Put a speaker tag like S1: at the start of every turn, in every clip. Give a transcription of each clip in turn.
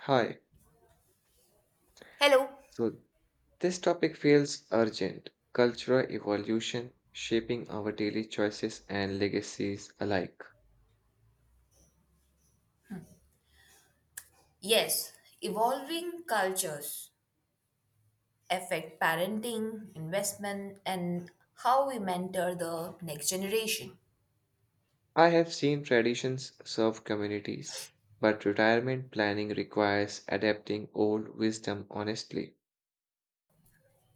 S1: Hi,
S2: Hello.
S1: so this topic feels urgent. Cultural evolution shaping our daily choices and legacies alike.
S2: Yes, evolving cultures affect parenting, investment, and how we mentor the next generation.
S1: I have seen traditions serve communities, but retirement planning requires adapting old wisdom honestly.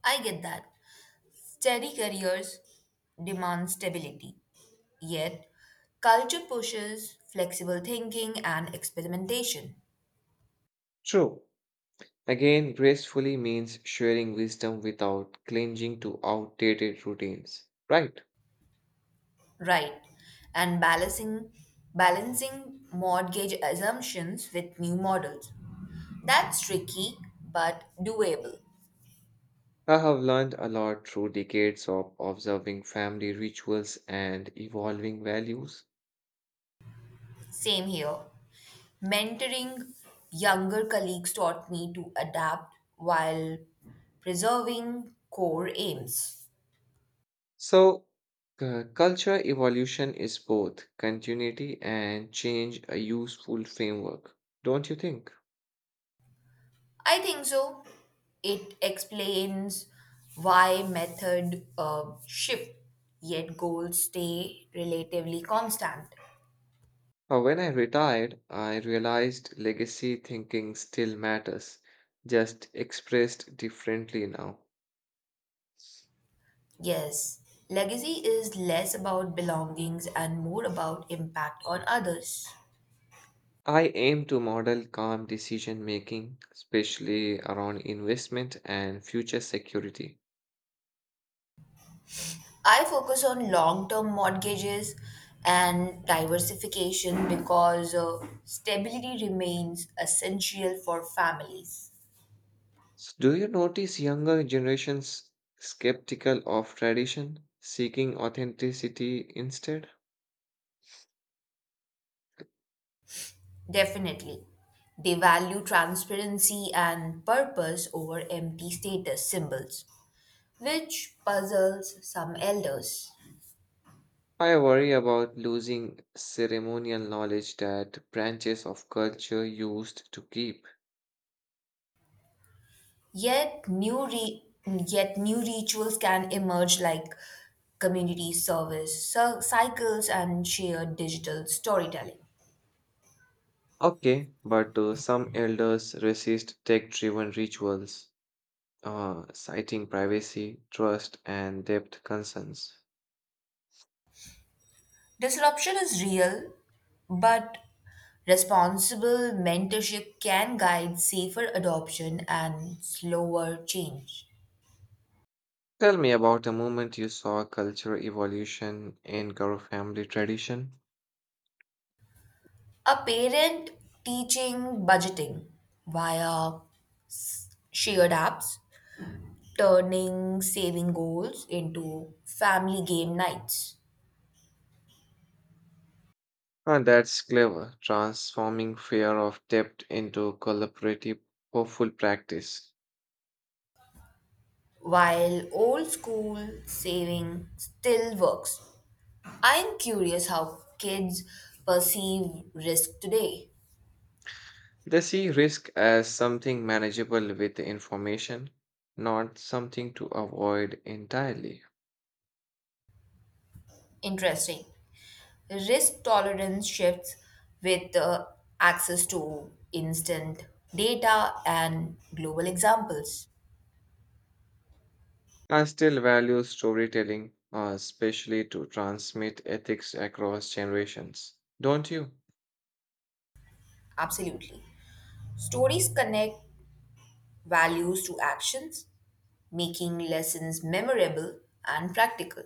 S2: I get that. Steady careers demand stability, yet culture pushes flexible thinking and experimentation.
S1: True. Again, gracefully means sharing wisdom without clinging to outdated routines. Right.
S2: Right. And balancing mortgage assumptions with new models. That's tricky but doable.
S1: I have learned a lot through decades of observing family rituals and evolving values.
S2: Same here. Mentoring younger colleagues taught me to adapt while preserving core aims.
S1: So, culture evolution is both continuity and change a useful framework, don't you think?
S2: I think so. It explains why method shift, yet goals stay relatively constant.
S1: When I retired, I realized legacy thinking still matters, just expressed differently now.
S2: Yes, legacy is less about belongings and more about impact on others.
S1: I aim to model calm decision making, especially around investment and future security.
S2: I focus on long term mortgages and diversification because stability remains essential for families.
S1: Do you notice younger generations skeptical of tradition, seeking authenticity instead?
S2: Definitely. They value transparency and purpose over empty status symbols, which puzzles some elders.
S1: I worry about losing ceremonial knowledge that branches of culture used to keep.
S2: Yet new rituals can emerge like community service cycles and shared digital storytelling.
S1: Okay, but some elders resist tech driven rituals, citing privacy, trust, and depth concerns.
S2: Disruption is real, but responsible mentorship can guide safer adoption and slower change.
S1: Tell me about a moment you saw cultural evolution in Garo family tradition.
S2: A parent teaching budgeting via shared apps, turning saving goals into family game nights,
S1: Ah, that's clever, transforming fear of depth into collaborative, hopeful practice.
S2: while old school saving still works. I'm curious how kids perceive risk today.
S1: They see risk as something manageable with information, not something to avoid entirely.
S2: Interesting. Risk tolerance shifts with access to instant data and global examples.
S1: I still value storytelling, especially to transmit ethics across generations. Don't you?
S2: Absolutely. Stories connect values to actions, making lessons memorable and practical.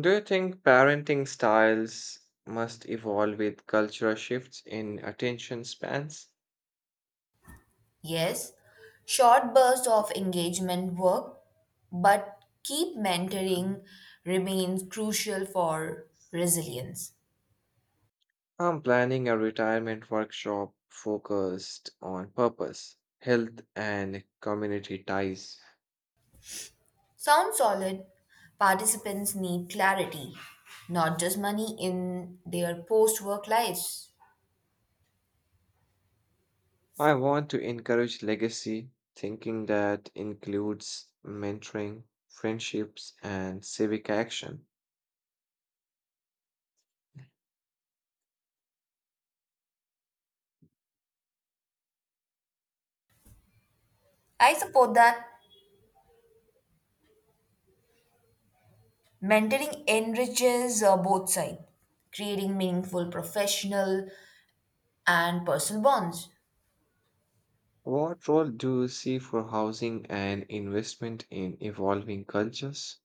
S1: Do you think parenting styles must evolve with cultural shifts in attention spans?
S2: Yes, short bursts of engagement work, but keep
S1: Mm.
S2: mentoring remains crucial for resilience.
S1: I'm planning a retirement workshop focused on purpose, health, and community ties.
S2: Sounds solid. Participants need clarity, not just money in their post work lives.
S1: I want to encourage legacy thinking that includes mentoring, friendships, and civic action.
S2: I support that. Mentoring enriches both sides, creating meaningful professional and personal bonds.
S1: What role do you see for housing and investment in evolving cultures?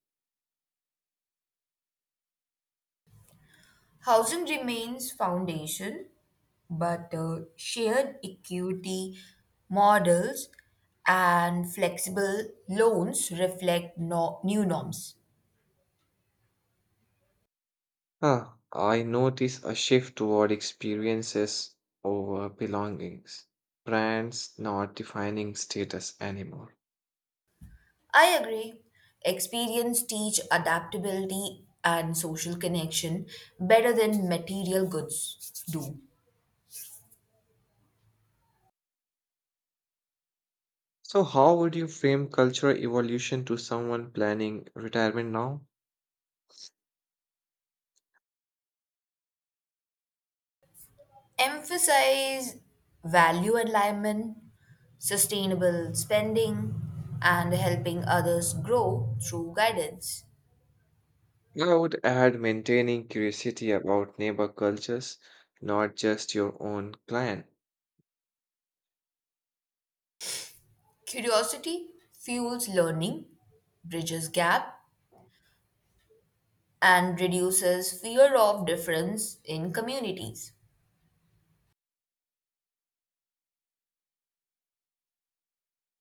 S2: Housing remains foundation, but shared equity models and flexible loans reflect new norms.
S1: Huh, I notice a shift toward experiences over belongings, brands not defining status anymore.
S2: I agree. Experience teach adaptability and social connection better than material goods do.
S1: So, how would you frame cultural evolution to someone planning retirement now?
S2: Emphasize value alignment, sustainable spending, and helping others grow through guidance.
S1: I would add maintaining curiosity about neighbor cultures, not just your own clan.
S2: Curiosity fuels learning, bridges gap, and reduces fear of difference in communities.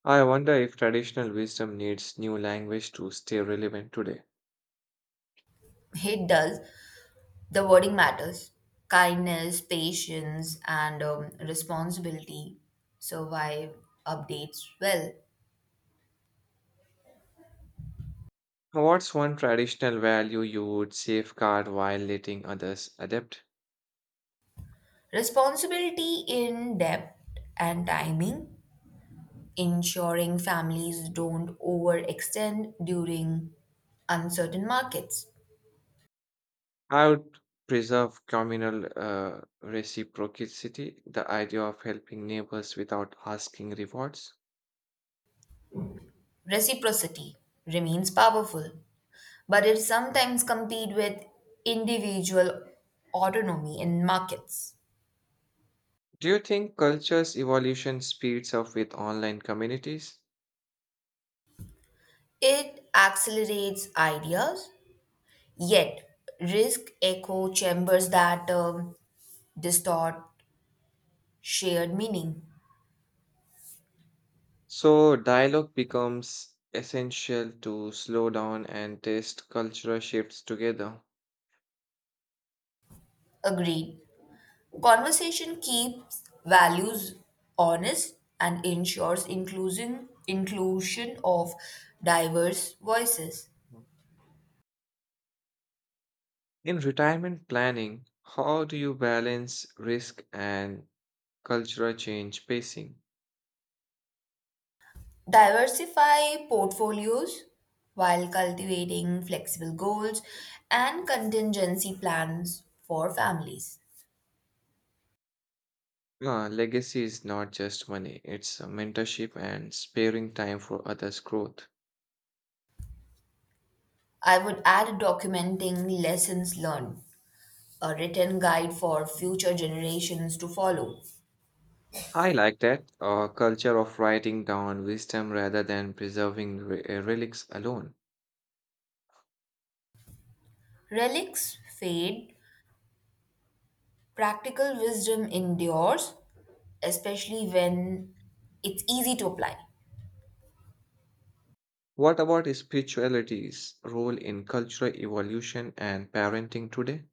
S1: I wonder if traditional wisdom needs new language to stay relevant today.
S2: It does. The wording matters. Kindness, patience, and responsibility survive updates well.
S1: What's one traditional value you would safeguard while letting others adapt?
S2: Responsibility in depth and timing, ensuring families don't overextend during uncertain markets.
S1: I would preserve communal reciprocity, the idea of helping neighbors without asking rewards.
S2: Reciprocity remains powerful, but it sometimes competes with individual autonomy in markets.
S1: Do you think culture's evolution speeds up with online communities?
S2: It accelerates ideas. Yet risk echo chambers that distort shared meaning.
S1: So, dialogue becomes essential to slow down and test cultural shifts together.
S2: Agreed. Conversation keeps values honest and ensures inclusion of diverse voices.
S1: Mm. In retirement planning, how do you balance risk and cultural change pacing?
S2: Diversify portfolios while cultivating flexible goals and contingency plans for families.
S1: Ah, legacy is not just money, it's a mentorship and sparing time for others' growth.
S2: I would add documenting lessons learned, a written guide for future generations to follow.
S1: I like that. A culture of writing down wisdom rather than preserving relics alone.
S2: Relics fade, practical wisdom endures, especially when it's easy to apply.
S1: What about spirituality's role in cultural evolution and parenting today?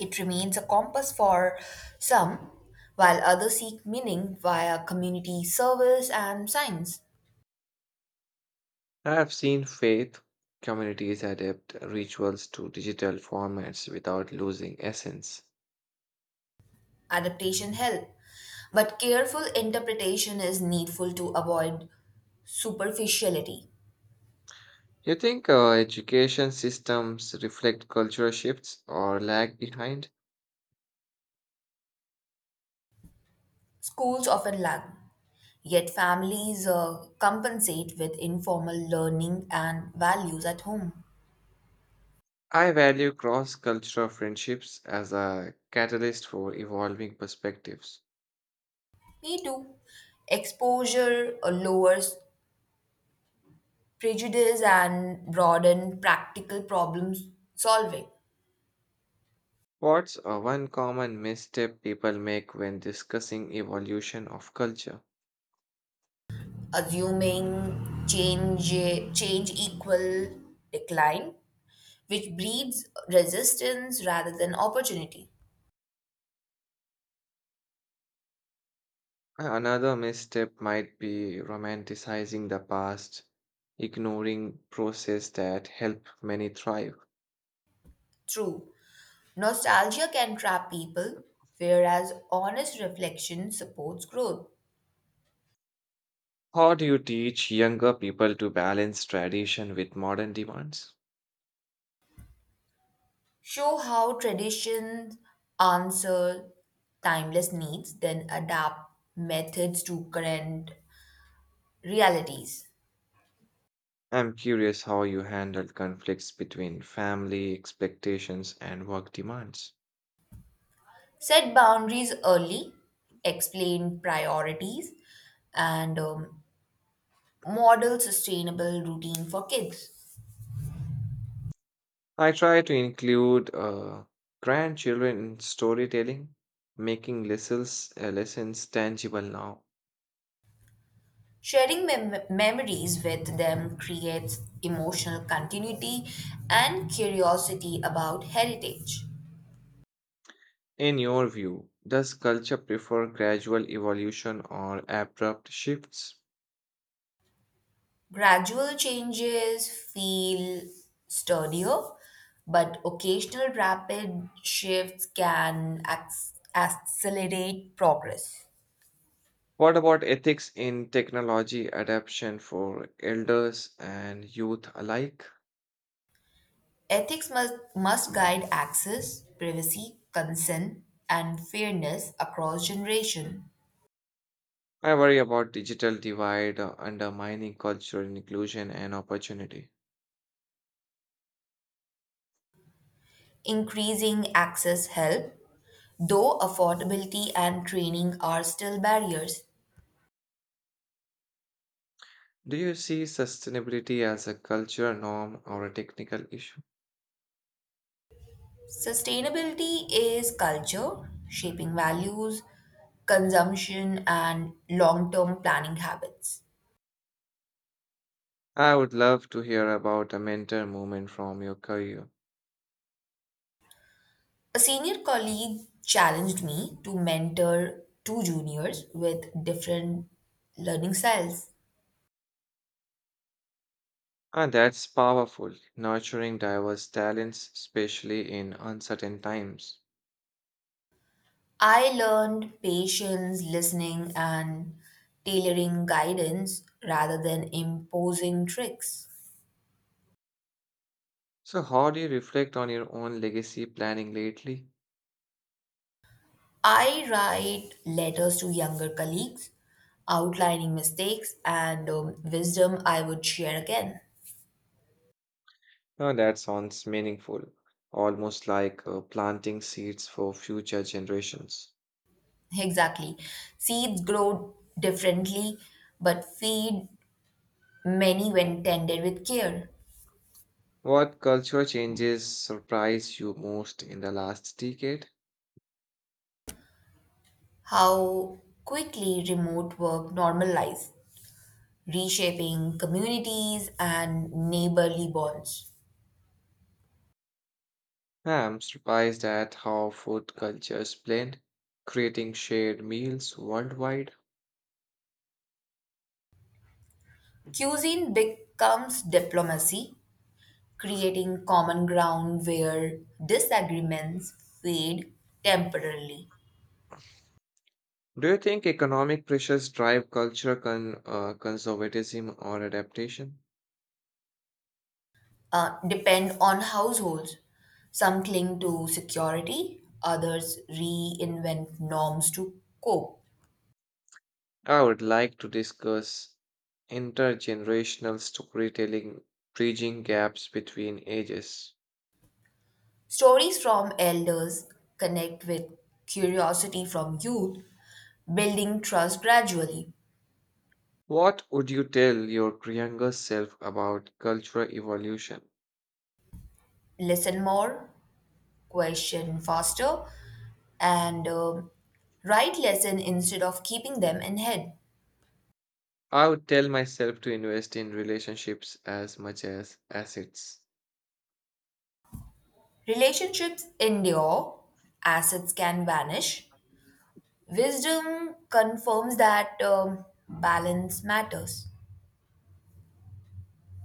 S2: It remains a compass for some, while others seek meaning via community service and science.
S1: I have seen faith communities adapt rituals to digital formats without losing essence.
S2: Adaptation help, but careful interpretation is needful to avoid superficiality.
S1: You think education systems reflect cultural shifts or lag behind?
S2: Schools often lag. Yet families compensate with informal learning and values at home.
S1: I value cross cultural friendships as a catalyst for evolving perspectives.
S2: Me too. Exposure lowers prejudice and broaden practical problem solving.
S1: What's a one common misstep people make when discussing evolution of culture?
S2: Assuming change equal decline, which breeds resistance rather than opportunity.
S1: Another misstep might be romanticizing the past, ignoring process that help many thrive.
S2: True, nostalgia can trap people, whereas honest reflection supports growth.
S1: How do you teach younger people to balance tradition with modern demands?
S2: Show how traditions answer timeless needs, then adapt methods to current realities.
S1: I'm curious how you handle conflicts between family expectations and work demands.
S2: Set boundaries early, explain priorities, and model sustainable routine for kids.
S1: I try to include grandchildren in storytelling, making lessons tangible now.
S2: Sharing memories with them creates emotional continuity and curiosity about heritage.
S1: In your view, does culture prefer gradual evolution or abrupt shifts?
S2: Gradual changes feel sturdier, but occasional rapid shifts can accelerate progress.
S1: What about ethics in technology adoption for elders and youth alike?
S2: Ethics must guide access, privacy, consent, and fairness across generation.
S1: I worry about digital divide undermining cultural inclusion and opportunity.
S2: Increasing access help, though affordability and training are still barriers.
S1: Do you see sustainability as a cultural norm or a technical issue?
S2: Sustainability is culture, shaping values, consumption, and long term planning habits.
S1: I would love to hear about a mentor moment from your career.
S2: A senior colleague challenged me to mentor two juniors with different learning styles.
S1: And that's powerful, nurturing diverse talents, especially in uncertain times.
S2: I learned patience, listening, and tailoring guidance rather than imposing tricks.
S1: So, how do you reflect on your own legacy planning lately?
S2: I write letters to younger colleagues, outlining mistakes and wisdom I would share again.
S1: Now, that sounds meaningful, almost like planting seeds for future generations.
S2: Exactly. Seeds grow differently, but feed many when tended with care.
S1: What cultural changes surprised you most in the last decade?
S2: How quickly remote work normalized, reshaping communities and neighborly bonds.
S1: Ah, I'm surprised at how food cultures blend, creating shared meals worldwide.
S2: Cuisine becomes diplomacy, creating common ground where disagreements fade temporarily.
S1: Do you think economic pressures drive cultural conservatism or adaptation?
S2: Depend on households. Some cling to security, others reinvent norms to cope.
S1: I would like to discuss intergenerational storytelling bridging gaps between ages.
S2: Stories from elders connect with curiosity from youth, building trust gradually.
S1: What would you tell your younger self about cultural evolution?
S2: Listen more, question faster, and write lesson instead of keeping them in head.
S1: I would tell myself to invest in relationships as much as assets.
S2: Relationships endure, assets can vanish. Wisdom confirms that balance matters.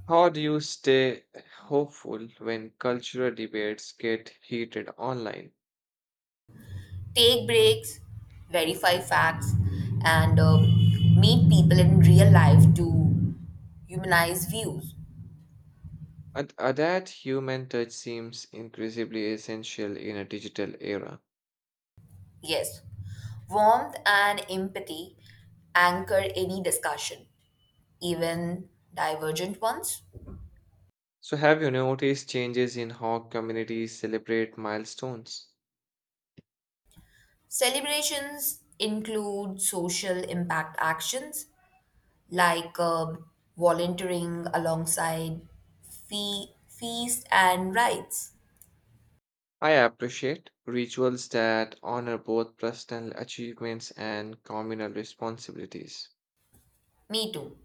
S1: How do you stay hopeful when cultural debates get heated online?
S2: Take breaks, verify facts, and meet people in real life to humanize views.
S1: And That human touch seems increasingly essential in a digital era.
S2: Yes, warmth and empathy anchor any discussion, even divergent ones.
S1: So, have you noticed changes in how communities celebrate milestones?
S2: Celebrations include social impact actions like volunteering alongside feasts and rites.
S1: I appreciate rituals that honor both personal achievements and communal responsibilities.
S2: Me too.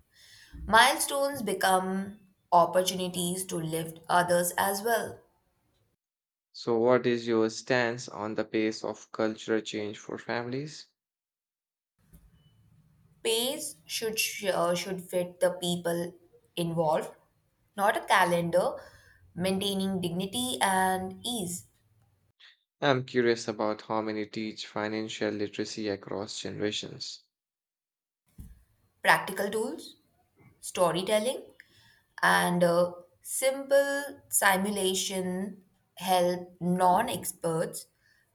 S2: Milestones become opportunities to lift others as well.
S1: So, what is your stance on the pace of cultural change for families?
S2: Pays should fit the people involved, not a calendar. Maintaining dignity and ease.
S1: I'm curious about how many teach financial literacy across generations.
S2: Practical tools, storytelling, and simple simulation help non-experts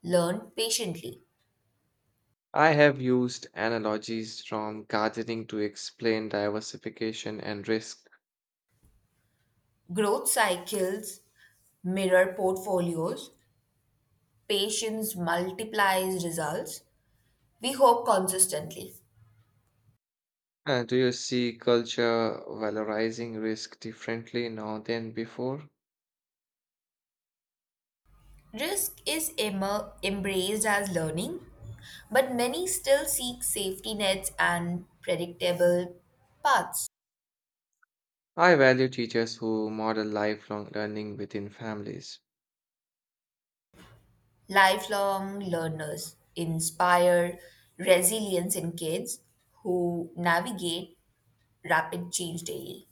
S2: learn patiently.
S1: I have used analogies from gardening to explain diversification and risk.
S2: Growth cycles mirror portfolios. Patience multiplies results, we hope consistently.
S1: Do you see culture valorizing risk differently now than before?
S2: Risk is immer embraced as learning, but many still seek safety nets and predictable paths.
S1: I value teachers who model lifelong learning within families.
S2: Lifelong learners inspire resilience in kids who navigate rapid change daily,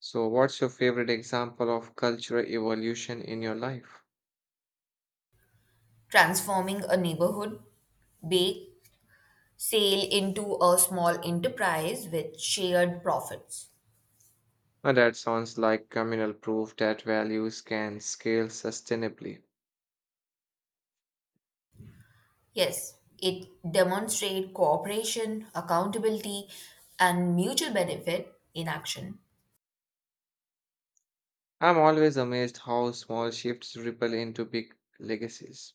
S1: So, what's your favorite example of cultural evolution in your life?
S2: transforming a neighborhood bake sale into a small enterprise with shared profits.
S1: That sounds like communal proof that values can scale sustainably.
S2: Yes, it demonstrates cooperation, accountability, and mutual benefit in action.
S1: I'm always amazed how small shifts ripple into big legacies.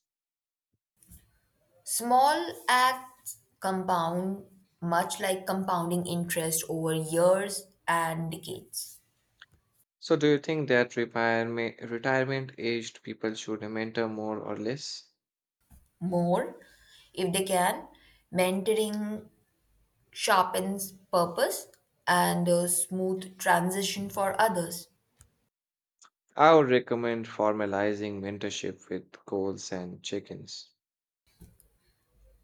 S2: Small acts compound much like compounding interest over years and decades.
S1: So, do you think that retirement aged people should mentor more or less?
S2: More if they can. Mentoring sharpens purpose and a smooth transition for others.
S1: I would recommend formalizing mentorship with goals and chickens.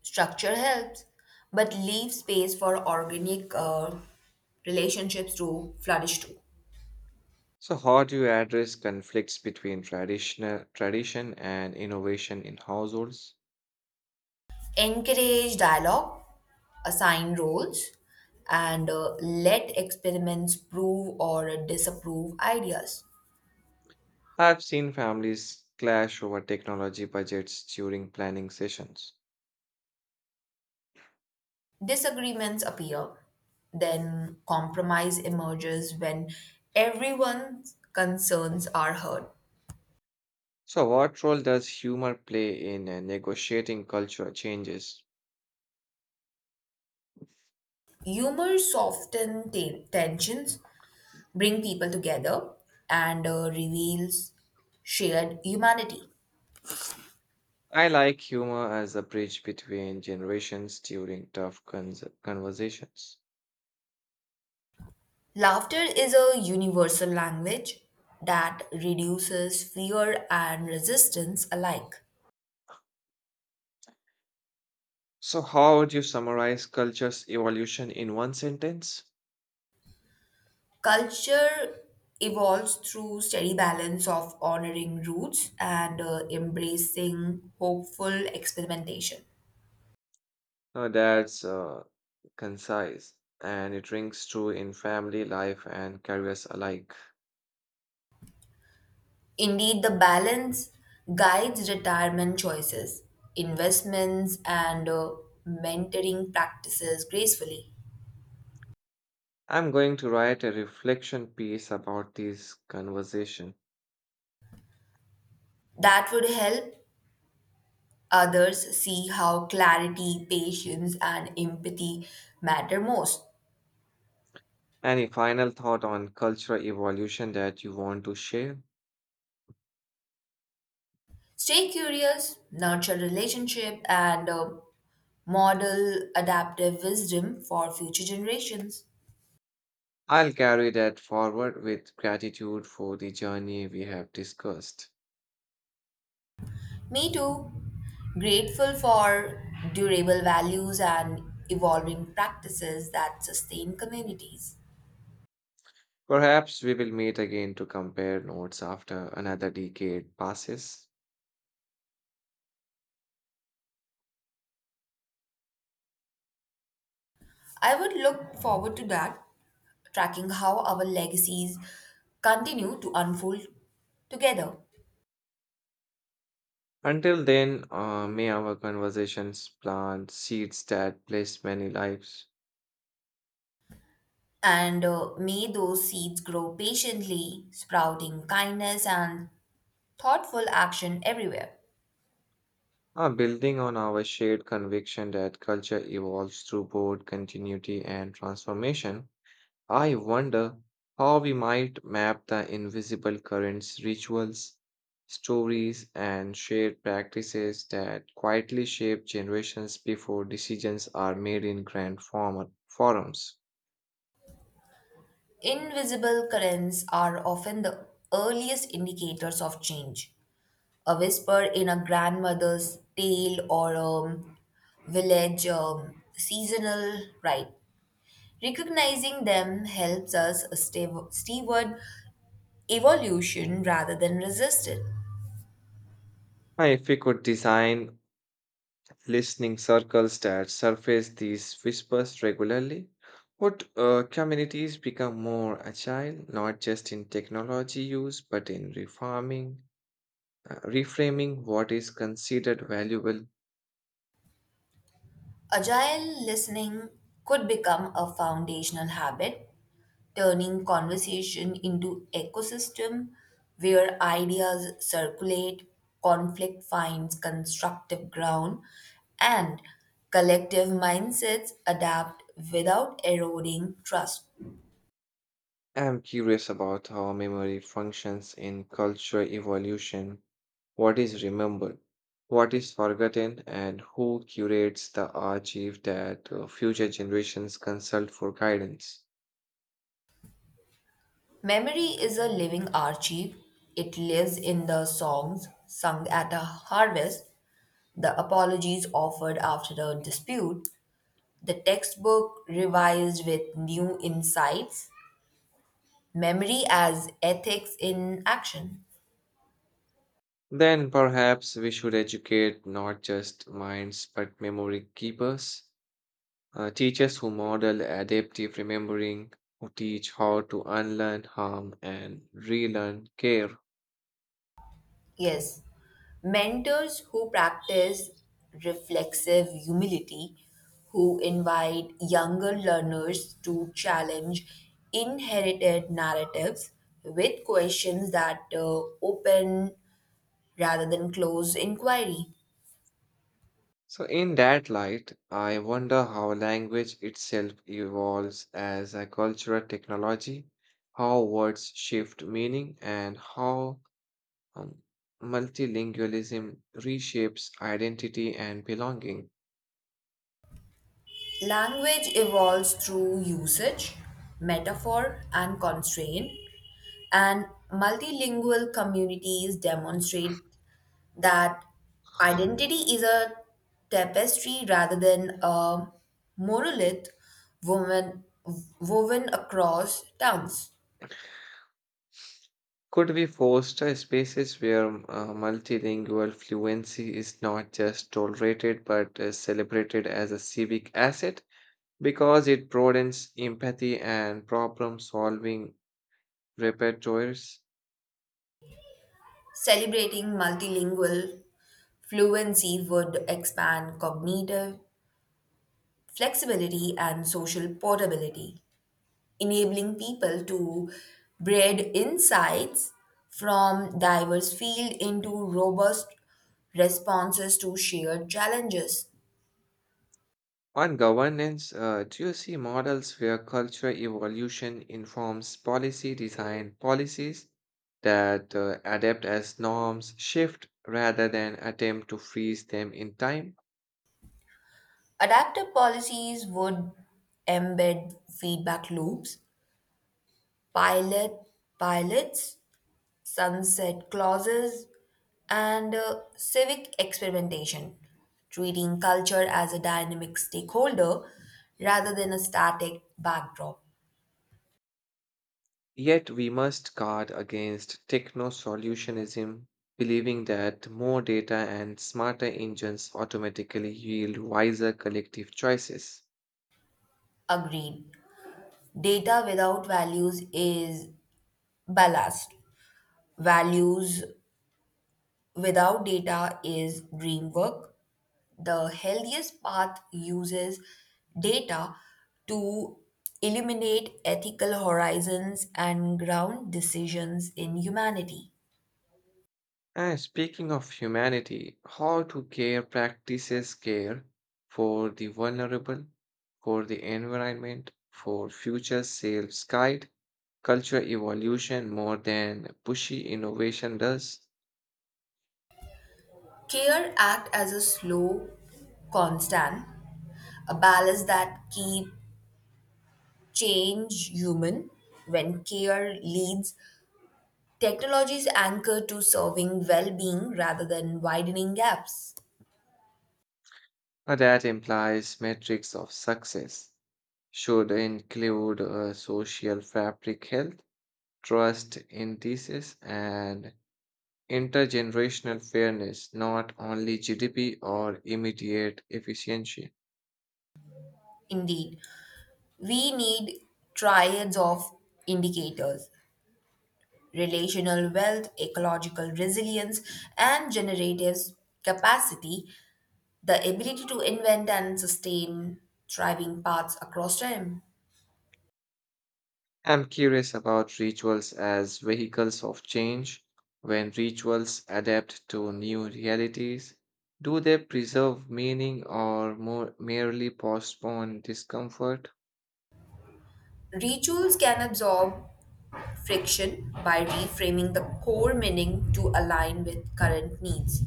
S2: Structure helps, but leave space for organic relationships to flourish too.
S1: So, how do you address conflicts between tradition and innovation in households?
S2: Encourage dialogue, assign roles, and let experiments prove or disapprove ideas.
S1: I've seen families clash over technology budgets during planning sessions.
S2: Disagreements appear, then compromise emerges when everyone's concerns are heard.
S1: So, what role does humor play in negotiating cultural changes?
S2: Humor softens tensions, bring people together, and reveals shared humanity.
S1: I like humor as a bridge between generations during tough conversations.
S2: Laughter is a universal language that reduces fear and resistance alike.
S1: So, how would you summarize culture's evolution in one sentence?
S2: Culture evolves through steady balance of honoring roots and embracing hopeful experimentation.
S1: Now, that's concise and it rings true in family life and careers alike.
S2: Indeed, the balance guides retirement choices, investments, and mentoring practices gracefully.
S1: I'm going to write a reflection piece about this conversation.
S2: That would help others see how clarity, patience, and empathy matter most.
S1: Any final thought on cultural evolution that you want to share?
S2: Stay curious, nurture relationship, and model adaptive wisdom for future generations.
S1: I'll carry that forward with gratitude for the journey we have discussed.
S2: Me too. Grateful for durable values and evolving practices that sustain communities.
S1: Perhaps we will meet again to compare notes after another decade passes.
S2: I would look forward to that, tracking how our legacies continue to unfold together.
S1: Until then, may our conversations plant seeds that bless many lives,
S2: And may those seeds grow patiently, sprouting kindness and thoughtful action everywhere.
S1: building on our shared conviction that culture evolves through both continuity and transformation. I wonder how we might map the invisible currents, rituals, stories, and shared practices that quietly shape generations before decisions are made in grand format forums.
S2: Invisible currents are often the earliest indicators of change. A whisper in a grandmother's tale or a village seasonal rite. Recognizing them helps us steward evolution rather than resist it.
S1: And if we could design listening circles that surface these whispers regularly, would communities become more agile, not just in technology use, but in reframing what is considered valuable.
S2: Agile listening could become a foundational habit, turning conversation into ecosystem where ideas circulate, conflict finds constructive ground, and collective mindsets adapt without eroding trust.
S1: I'm curious about how memory functions in culture evolution. What is remembered? What is forgotten? And who curates the archive that future generations consult for guidance?
S2: Memory is a living archive. It lives in the songs sung at a harvest, the apologies offered after a dispute, the textbook revised with new insights, memory as ethics in action.
S1: Then perhaps we should educate not just minds but memory keepers, teachers who model adaptive remembering, who teach how to unlearn harm and relearn care.
S2: Yes, mentors who practice reflexive humility, who invite younger learners to challenge inherited narratives with questions that open rather than close inquiry.
S1: So, in that light, I wonder how language itself evolves as a cultural technology, how words shift meaning, and how um, multilingualism reshapes identity and belonging.
S2: Language evolves through usage, metaphor, and constraint, and multilingual communities demonstrate that identity is a tapestry rather than a monolith, woven, woven across towns.
S1: Could we foster spaces where multilingual fluency is not just tolerated but celebrated as a civic asset because it broadens empathy and problem solving repertoires?
S2: Celebrating multilingual fluency would expand cognitive flexibility and social portability, enabling people to breed insights from diverse fields into robust responses to shared challenges.
S1: On governance, do you see models where cultural evolution informs policy design policies that adapt as norms shift rather than attempt to freeze them in time?
S2: Adaptive policies would embed feedback loops, pilot pilots, sunset clauses, and civic experimentation, treating culture as a dynamic stakeholder rather than a static backdrop.
S1: Yet we must guard against techno solutionism, believing that more data and smarter engines automatically yield wiser collective choices.
S2: Agreed. Data without values is ballast. Values without data is dream work. The healthiest path uses data to illuminate ethical horizons and ground decisions in humanity.
S1: And speaking of humanity, how do care practices care for the vulnerable, for the environment, for future selves guide cultural evolution more than pushy innovation does?
S2: Care act as a slow constant, a balance that keep change human. When care leads, technology is anchored to serving well being rather than widening gaps.
S1: That implies metrics of success should include social fabric health, trust indices, and intergenerational fairness, not only GDP or immediate efficiency.
S2: Indeed, we need triads of indicators: relational wealth, ecological resilience, and generative capacity, the ability to invent and sustain thriving paths across time.
S1: I'm curious about rituals as vehicles of change. When rituals adapt to new realities, do they preserve meaning or more merely postpone discomfort?
S2: Rituals can absorb friction by reframing the core meaning to align with current needs.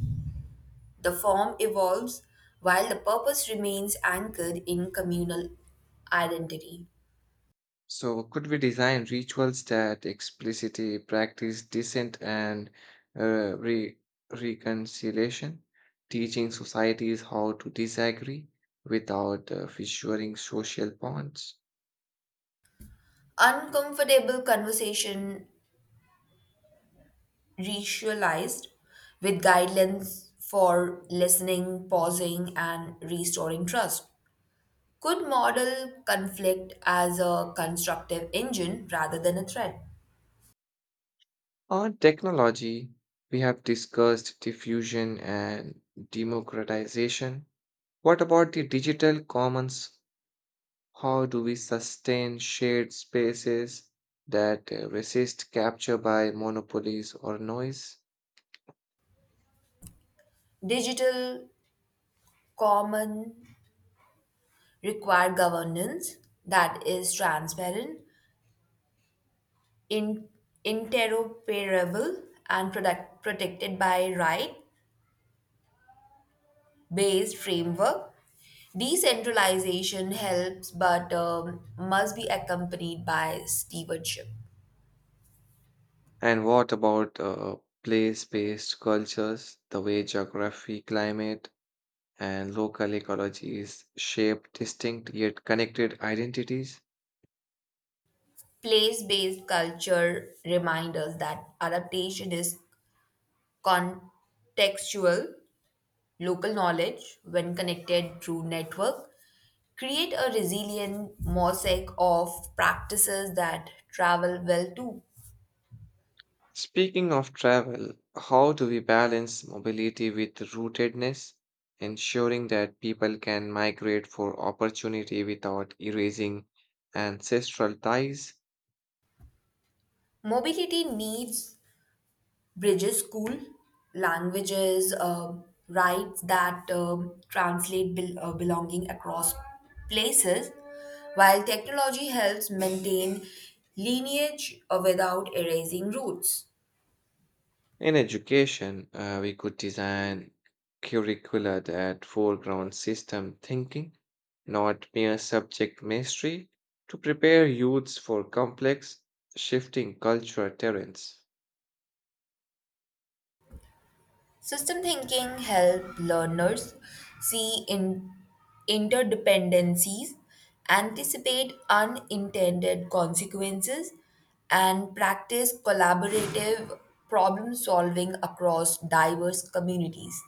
S2: The form evolves while the purpose remains anchored in communal identity.
S1: So, could we design rituals that explicitly practice dissent and uh, re- reconciliation, teaching societies how to disagree without fissuring social bonds?
S2: Uncomfortable conversation ritualized with guidelines for listening, pausing, and restoring trust could model conflict as a constructive engine rather than a threat.
S1: On technology, we have discussed diffusion and democratization. What about the digital commons? How do we sustain shared spaces that resist capture by monopolies or noise?
S2: Digital common require governance that is transparent, in, interoperable, and protected by right based framework. Decentralization helps, but must be accompanied by stewardship.
S1: And what about place-based cultures, the way geography, climate, and local ecologies shape distinct yet connected identities?
S2: Place based culture reminds us that adaptation is contextual, local knowledge, when connected through network, create a resilient mosaic of practices that travel well too.
S1: Speaking of travel, how do we balance mobility with rootedness, ensuring that people can migrate for opportunity without erasing ancestral ties?
S2: Mobility needs bridges school, languages, rights that translate belonging across places, while technology helps maintain lineage without erasing roots.
S1: In education, we could design curricula that foreground system thinking, not mere subject mastery, to prepare youths for complex, shifting cultural terrains.
S2: System thinking helps learners see in interdependencies, anticipate unintended consequences, and practice collaborative problem solving across diverse communities.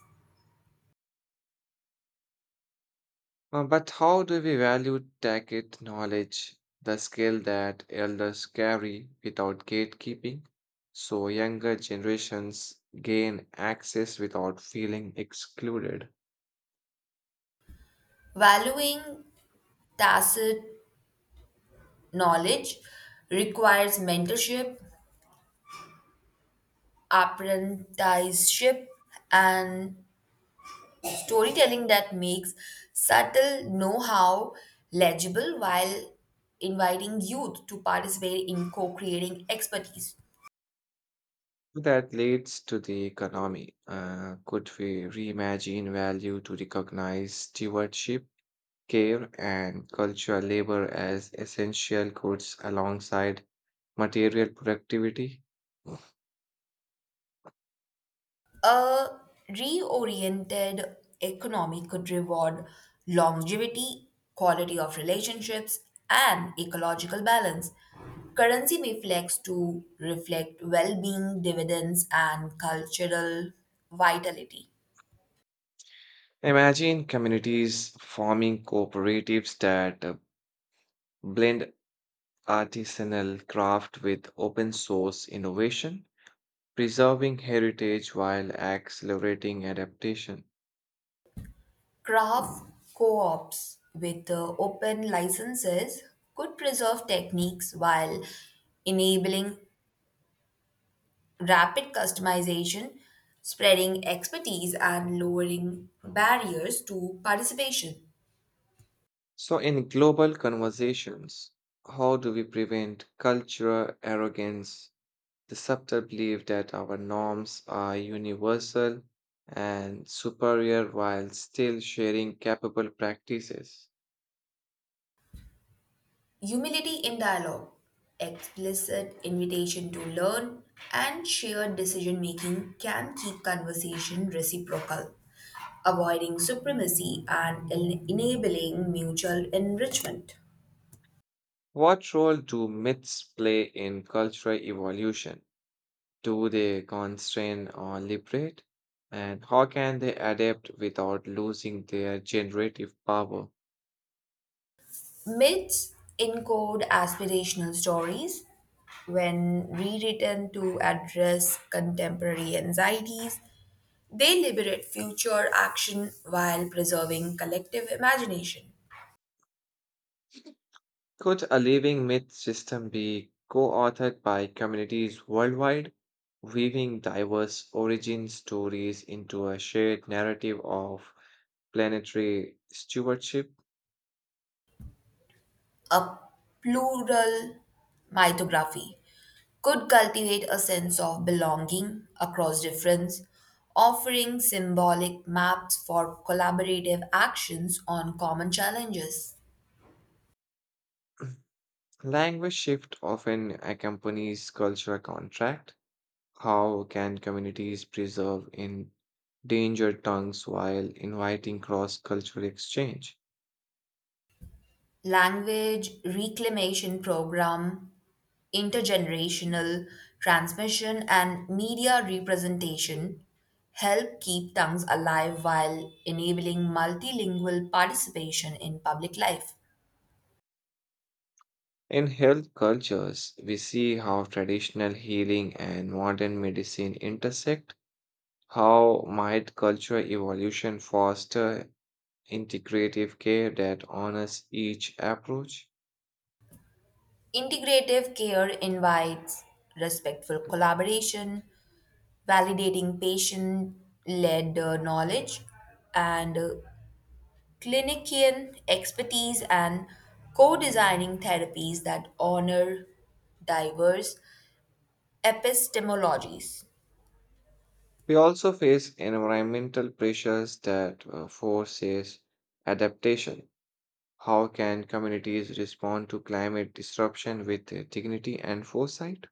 S1: But how do we value tacit knowledge, the skill that elders carry without gatekeeping, so younger generations gain access without feeling excluded?
S2: Valuing tacit knowledge requires mentorship, apprenticeship, and storytelling that makes subtle know how legible while inviting youth to participate in co creating expertise.
S1: That leads to the economy. Could we reimagine value to recognize stewardship, care, and cultural labor as essential goods alongside material productivity?
S2: A reoriented economy could reward longevity, quality of relationships, and ecological balance. Currency may flex to reflect well being, dividends, and cultural vitality.
S1: Imagine communities forming cooperatives that blend artisanal craft with open source innovation, preserving heritage while accelerating adaptation.
S2: Craft co-ops with open licenses could preserve techniques while enabling rapid customization, spreading expertise, and lowering barriers to participation.
S1: So, in global conversations, how do we prevent cultural arrogance, the subtle belief that our norms are universal and superior while still sharing capable practices?
S2: Humility in dialogue, explicit invitation to learn, and shared decision making can keep conversation reciprocal, avoiding supremacy and enabling mutual enrichment.
S1: What role do myths play in cultural evolution? Do they constrain or liberate? And how can they adapt without losing their generative power?
S2: Myths encode aspirational stories when rewritten to address contemporary anxieties. They liberate future action while preserving collective imagination.
S1: Could a living myth system be co authored by communities worldwide, weaving diverse origin stories into a shared narrative of planetary stewardship?
S2: A plural mythography could cultivate a sense of belonging across difference, offering symbolic maps for collaborative actions on common challenges.
S1: Language shift often accompanies cultural contract. How can communities preserve endangered tongues while inviting cross cultural exchange?
S2: Language reclamation program, intergenerational transmission, and media representation help keep tongues alive while enabling multilingual participation in public life.
S1: In health cultures, we see how traditional healing and modern medicine intersect. How might cultural evolution foster integrative care that honors each approach?
S2: Integrative care invites respectful collaboration, validating patient led knowledge, and clinician expertise, and co designing therapies that honor diverse epistemologies.
S1: We also face environmental pressures that forces adaptation. How can communities respond to climate disruption with dignity and foresight?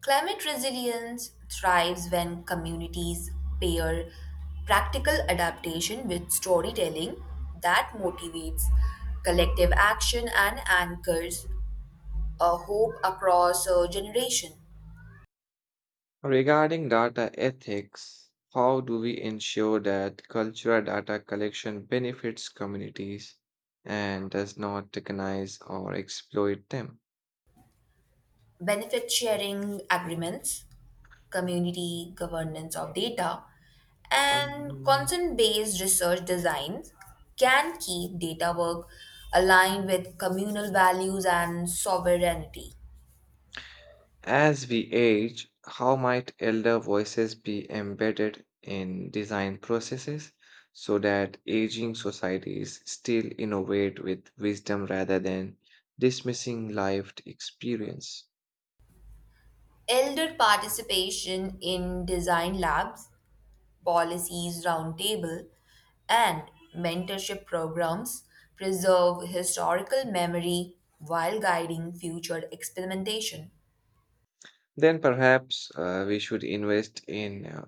S2: Climate resilience thrives when communities pair practical adaptation with storytelling that motivates collective action and anchors a hope across a generation.
S1: Regarding data ethics, how do we ensure that cultural data collection benefits communities and does not recognize or exploit them?
S2: Benefit sharing agreements, community governance of data, and
S1: Um,
S2: consent based research designs can keep data work aligned with communal values and sovereignty.
S1: As we age, how might elder voices be embedded in design processes so that aging societies still innovate with wisdom rather than dismissing lived experience?
S2: Elder participation in design labs, policies roundtable, and mentorship programs preserve historical memory while guiding future experimentation.
S1: Then perhaps we should invest in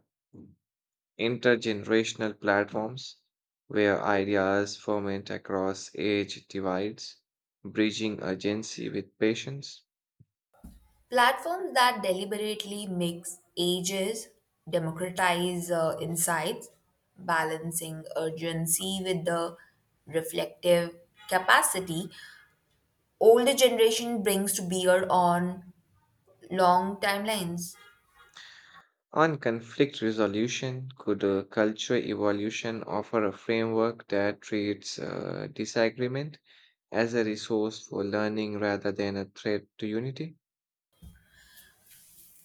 S1: intergenerational platforms where ideas ferment across age divides, bridging urgency with patience.
S2: Platforms that deliberately mix ages democratize insights, balancing urgency with the reflective capacity older generation brings to bear on long timelines.
S1: On conflict resolution, could a culture evolution offer a framework that treats disagreement as a resource for learning rather than a threat to unity?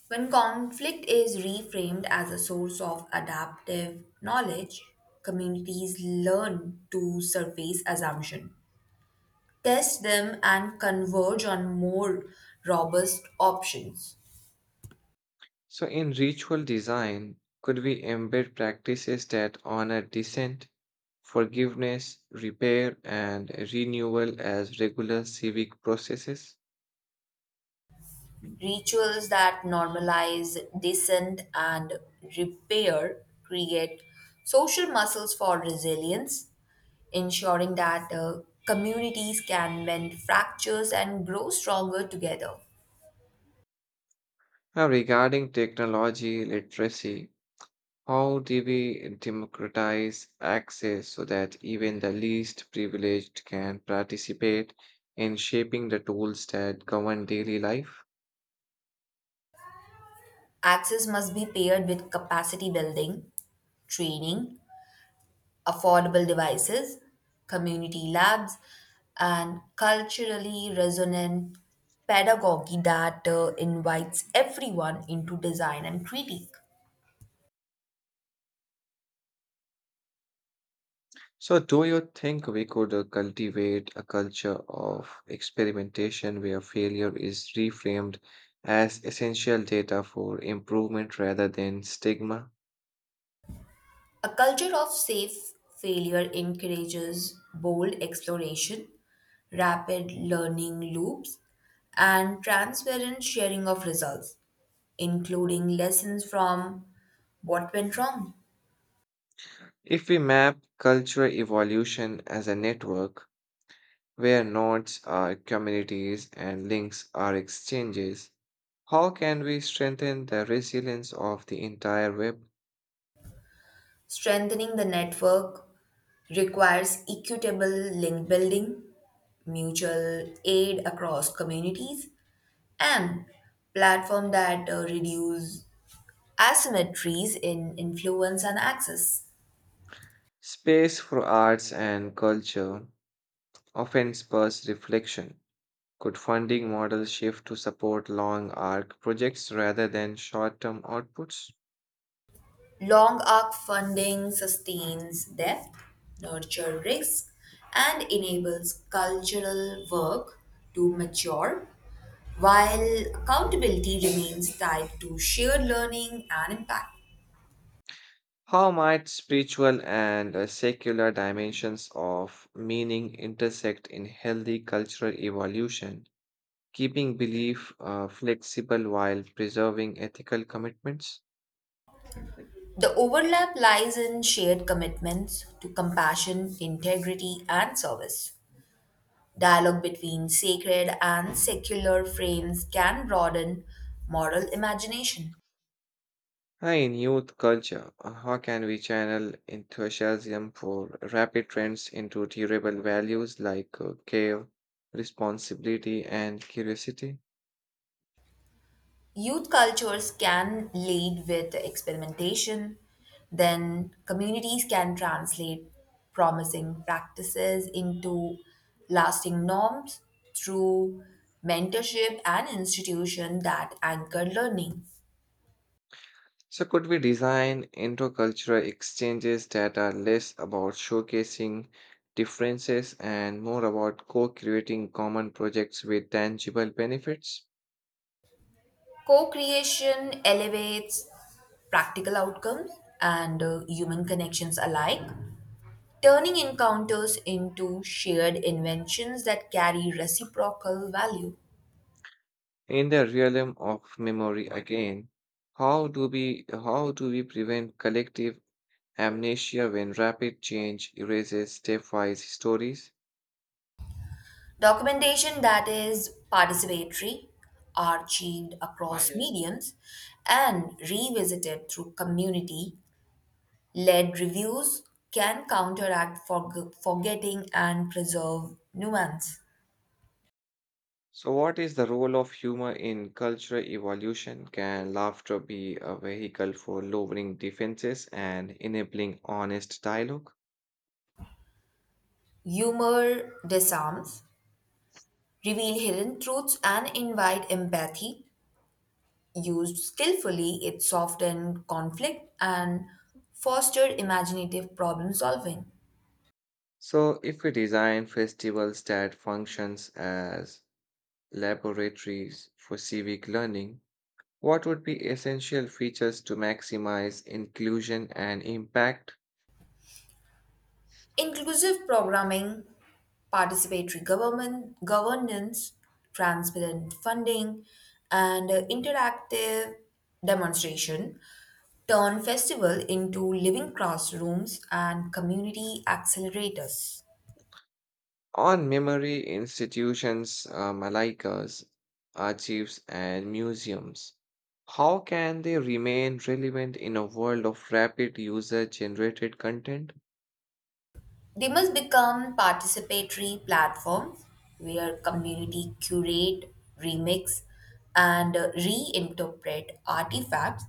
S2: When conflict is reframed as a source of adaptive knowledge, communities learn to surface assumptions, test them, and converge on more robust options.
S1: So, in ritual design, could we embed practices that honor dissent, forgiveness, repair, and renewal as regular civic processes?
S2: Rituals that normalize dissent and repair create social muscles for resilience, ensuring that communities can mend fractures and grow stronger together.
S1: Now, regarding technology literacy, how do we democratize access so that even the least privileged can participate in shaping the tools that govern daily life?
S2: Access must be paired with capacity building, training, affordable devices, community labs, and culturally resonant pedagogy that invites everyone into design and critique.
S1: So, do you think we could cultivate a culture of experimentation where failure is reframed as essential data for improvement rather than stigma?
S2: A culture of safe failure encourages bold exploration, rapid learning loops, and transparent sharing of results, including lessons from what went wrong.
S1: If we map cultural evolution as a network where nodes are communities and links are exchanges, how can we strengthen the resilience of the entire web?
S2: Strengthening the network requires equitable link building, mutual aid across communities, and platforms that reduce asymmetries in influence and access.
S1: Space for arts and culture often spurs reflection. Could funding models shift to support long arc projects rather than short term outputs?
S2: Long arc funding sustains depth, nurture risk, and enables cultural work to mature, while accountability remains tied to shared learning and impact.
S1: How might spiritual and secular dimensions of meaning intersect in healthy cultural evolution, keeping belief flexible while preserving ethical commitments?
S2: The overlap lies in shared commitments to compassion, integrity, and service. Dialogue between sacred and secular frames can broaden moral imagination.
S1: Hi, in youth culture, how can we channel enthusiasm for rapid trends into durable values like care, responsibility, and curiosity?
S2: Youth cultures can lead with experimentation, then, communities can translate promising practices into lasting norms through mentorship and institutions that anchor learning.
S1: So, could we design intercultural exchanges that are less about showcasing differences and more about co creating common projects with tangible benefits?
S2: Co creation elevates practical outcomes and human connections alike, turning encounters into shared inventions that carry reciprocal value.
S1: In the realm of memory, again, how do we prevent collective amnesia when rapid change erases stepwise stories.
S2: Documentation that is participatory, archived across mediums, and revisited through community led reviews can counteract forgetting and preserve nuance.
S1: So, what is the role of humor in cultural evolution? Can laughter be a vehicle for lowering defenses and enabling honest dialogue?
S2: Humor disarms reveal hidden truths, and invite empathy. Used skillfully, it softened conflict and fostered imaginative problem solving.
S1: So, if we design festivals that functions as laboratories for civic learning, what would be essential features to maximize inclusion and impact?
S2: Inclusive programming, participatory government, governance, transparent funding, and interactive demonstration turn festival into living classrooms and community accelerators.
S1: On memory institutions like us, archives, and museums, how can they remain relevant in a world of rapid user generated content?
S2: They must become participatory platforms where community curate, remix, and reinterpret artifacts,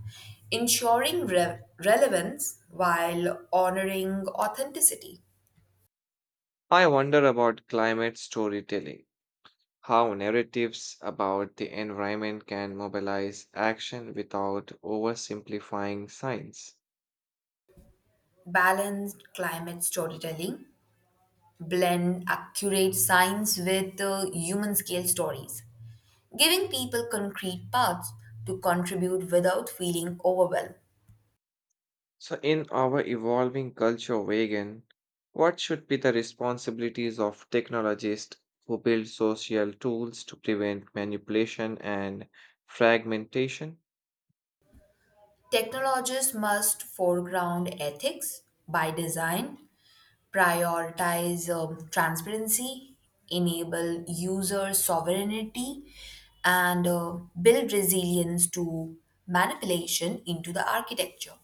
S2: ensuring relevance while honoring authenticity.
S1: I wonder about climate storytelling, how narratives about the environment can mobilize action without oversimplifying science.
S2: Balanced climate storytelling blend accurate science with human scale stories, giving people concrete paths to contribute without feeling overwhelmed.
S1: So, in our evolving culture, vegan, what should be the responsibilities of technologists who build social tools to prevent manipulation and fragmentation?
S2: Technologists must foreground ethics by design, prioritize transparency, enable user sovereignty, and build resilience to manipulation into the architecture.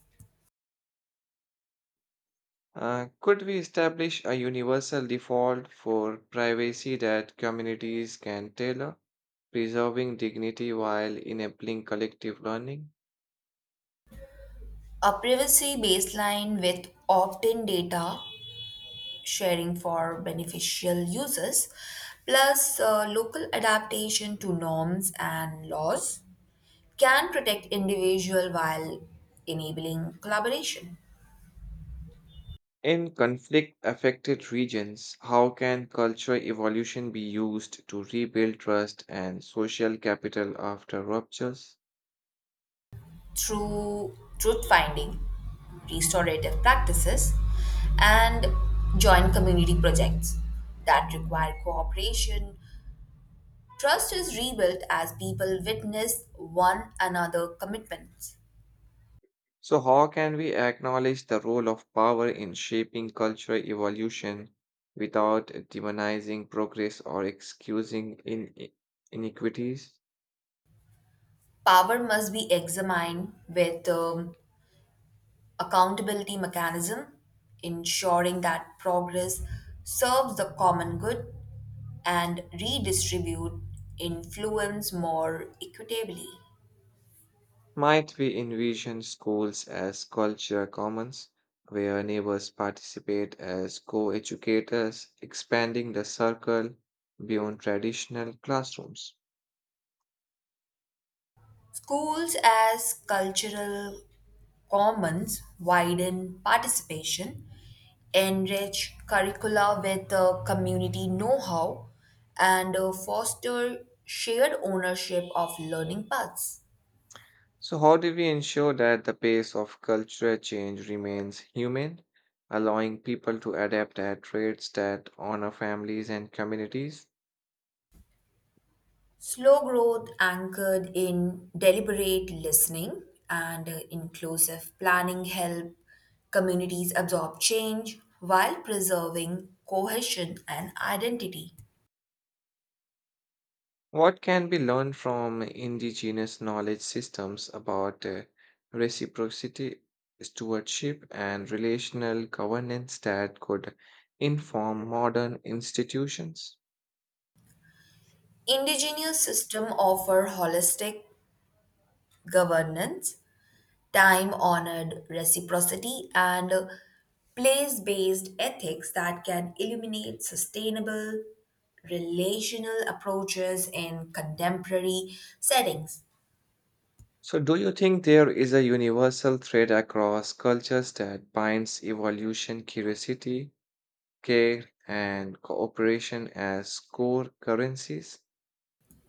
S1: Could we establish a universal default for privacy that communities can tailor, preserving dignity while enabling collective learning?
S2: A privacy baseline with opt in data sharing for beneficial uses, plus local adaptation to norms and laws can protect individual while enabling collaboration
S1: In conflict affected regions, how can cultural evolution be used to rebuild trust and social capital after ruptures?
S2: through truth finding restorative practices and joint community projects that require cooperation trust is rebuilt as people witness one another commitments
S1: So, how can we acknowledge the role of power in shaping cultural evolution without demonizing progress or excusing inequities?
S2: power must be examined with accountability mechanism, ensuring that progress serves the common good and redistribute influence more equitably.
S1: Might we envision schools as cultural commons, where neighbors participate as co educators, expanding the circle beyond traditional classrooms?
S2: Schools as cultural commons widen participation, enrich curricula with community know-how, and foster shared ownership of learning paths.
S1: So, how do we ensure that the pace of cultural change remains human, allowing people to adapt at rates that honor families and communities?
S2: Slow growth anchored in deliberate listening and inclusive planning help communities absorb change while preserving cohesion and identity.
S1: What can be learned from indigenous knowledge systems about reciprocity, stewardship, and relational governance that could inform modern institutions?
S2: Indigenous system offer holistic governance, time-honored reciprocity and place-based ethics that can illuminate sustainable relational approaches in contemporary settings.
S1: So, do you think there is a universal thread across cultures that binds evolution, curiosity, care, and cooperation as core currencies?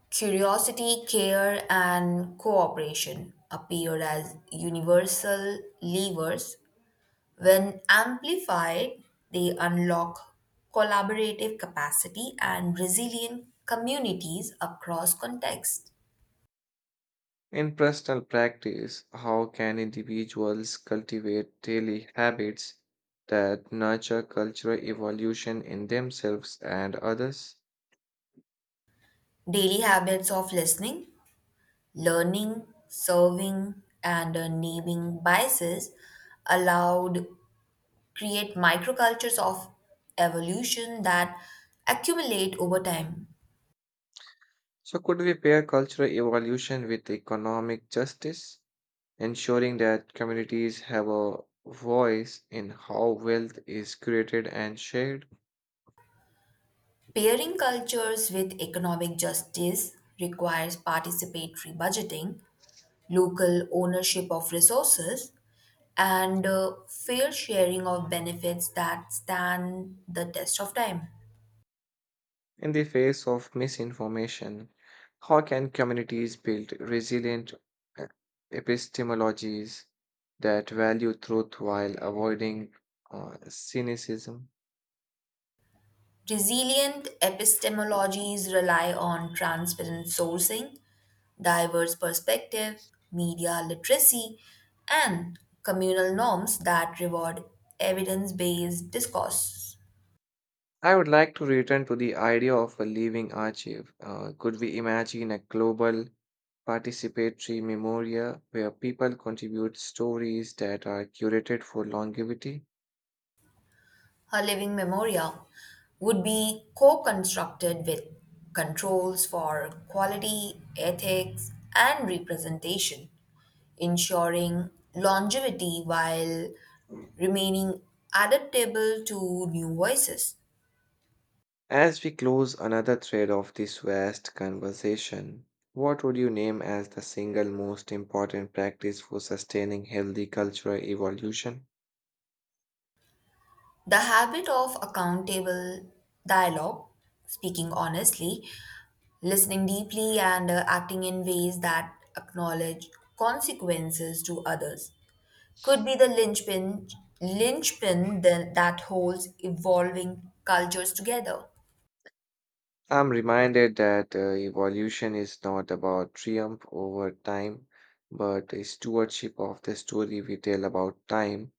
S2: Curiosity, care, and cooperation appear as universal levers. When amplified, they unlock collaborative capacity and resilient communities across contexts.
S1: In personal practice, how can individuals cultivate daily habits that nurture cultural evolution in themselves and others?
S2: Daily habits of listening, learning, serving, and naming biases allowed create microcultures of evolution that accumulate over time.
S1: So, could we pair cultural evolution with economic justice, ensuring that communities have a voice in how wealth is created and shared?
S2: Pairing cultures with economic justice requires participatory budgeting, local ownership of resources, and fair sharing of benefits that stand the test of time.
S1: In the face of misinformation, how can communities build resilient uh, epistemologies that value truth while avoiding cynicism?
S2: Resilient epistemologies rely on transparent sourcing, diverse perspective, media literacy, and communal norms that reward evidence based discourse.
S1: I would like to return to the idea of a living archive. Could we imagine a global participatory memoria where people contribute stories that are curated for longevity?
S2: Her living memorial would be co constructed with controls for quality, ethics, and representation, ensuring longevity while remaining adaptable to new voices.
S1: As we close another thread of this vast conversation, what would you name as the single most important practice for sustaining healthy cultural evolution?
S2: The habit of accountable dialogue, speaking honestly, listening deeply, and acting in ways that acknowledge consequences to others could be the linchpin, linchpin that holds evolving cultures together.
S1: I'm reminded that evolution is not about triumph over time, but a stewardship of the story we tell about time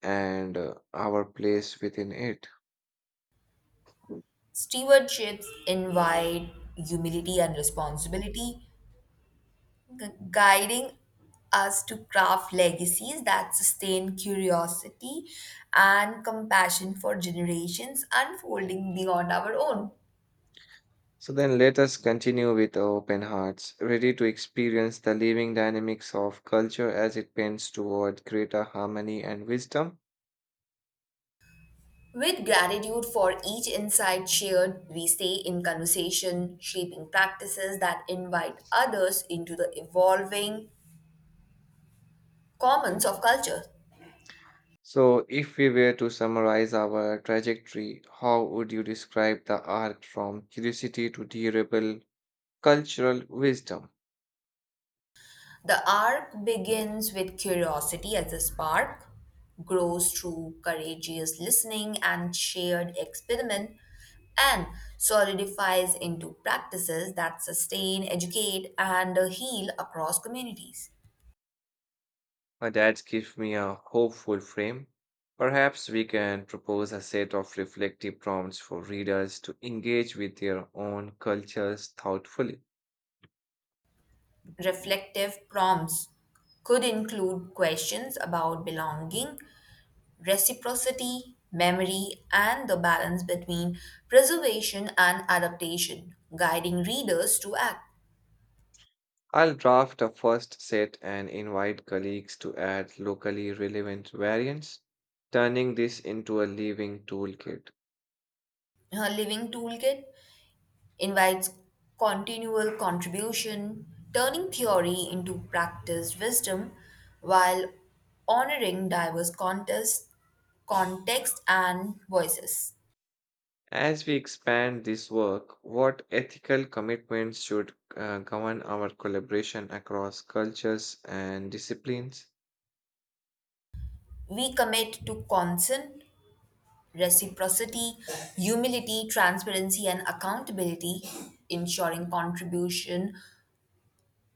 S1: and our place within it.
S2: Stewardships invite humility and responsibility, guiding us to craft legacies that sustain curiosity and compassion for generations unfolding beyond our own.
S1: So then let us continue with our open hearts, ready to experience the living dynamics of culture as it bends toward greater harmony and wisdom.
S2: With gratitude for each insight shared, we stay in conversation, shaping practices that invite others into the evolving commons of culture.
S1: So, if we were to summarize our trajectory, how would you describe the arc from curiosity to durable cultural wisdom?
S2: The arc begins with curiosity as a spark, grows through courageous listening and shared experiment, and solidifies into practices that sustain, educate, and heal across communities.
S1: That gives me a hopeful frame. Perhaps we can propose a set of reflective prompts for readers to engage with their own cultures thoughtfully.
S2: Reflective prompts could include questions about belonging reciprocity, memory, and the balance between preservation and adaptation, guiding readers to act.
S1: I'll draft a first set and invite colleagues to add locally relevant variants, turning this into a living toolkit.
S2: Her living toolkit invites continual contribution, turning theory into practiced wisdom while honoring diverse contexts, context and voices.
S1: As we expand this work, what ethical commitments should govern our collaboration across cultures and disciplines?
S2: We commit to consent, reciprocity, humility, transparency, and accountability, ensuring contribution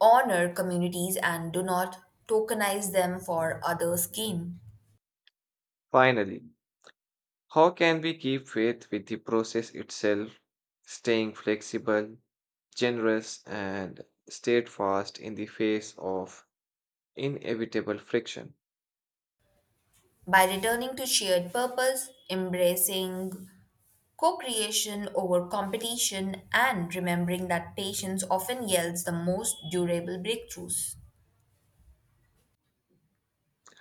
S2: honor communities and do not tokenize them for others' gain.
S1: Finally, how can we keep faith with the process itself, staying flexible, generous, and steadfast in the face of inevitable friction?
S2: By returning to shared purpose, embracing co creation over competition, and remembering that patience often yields the most durable breakthroughs.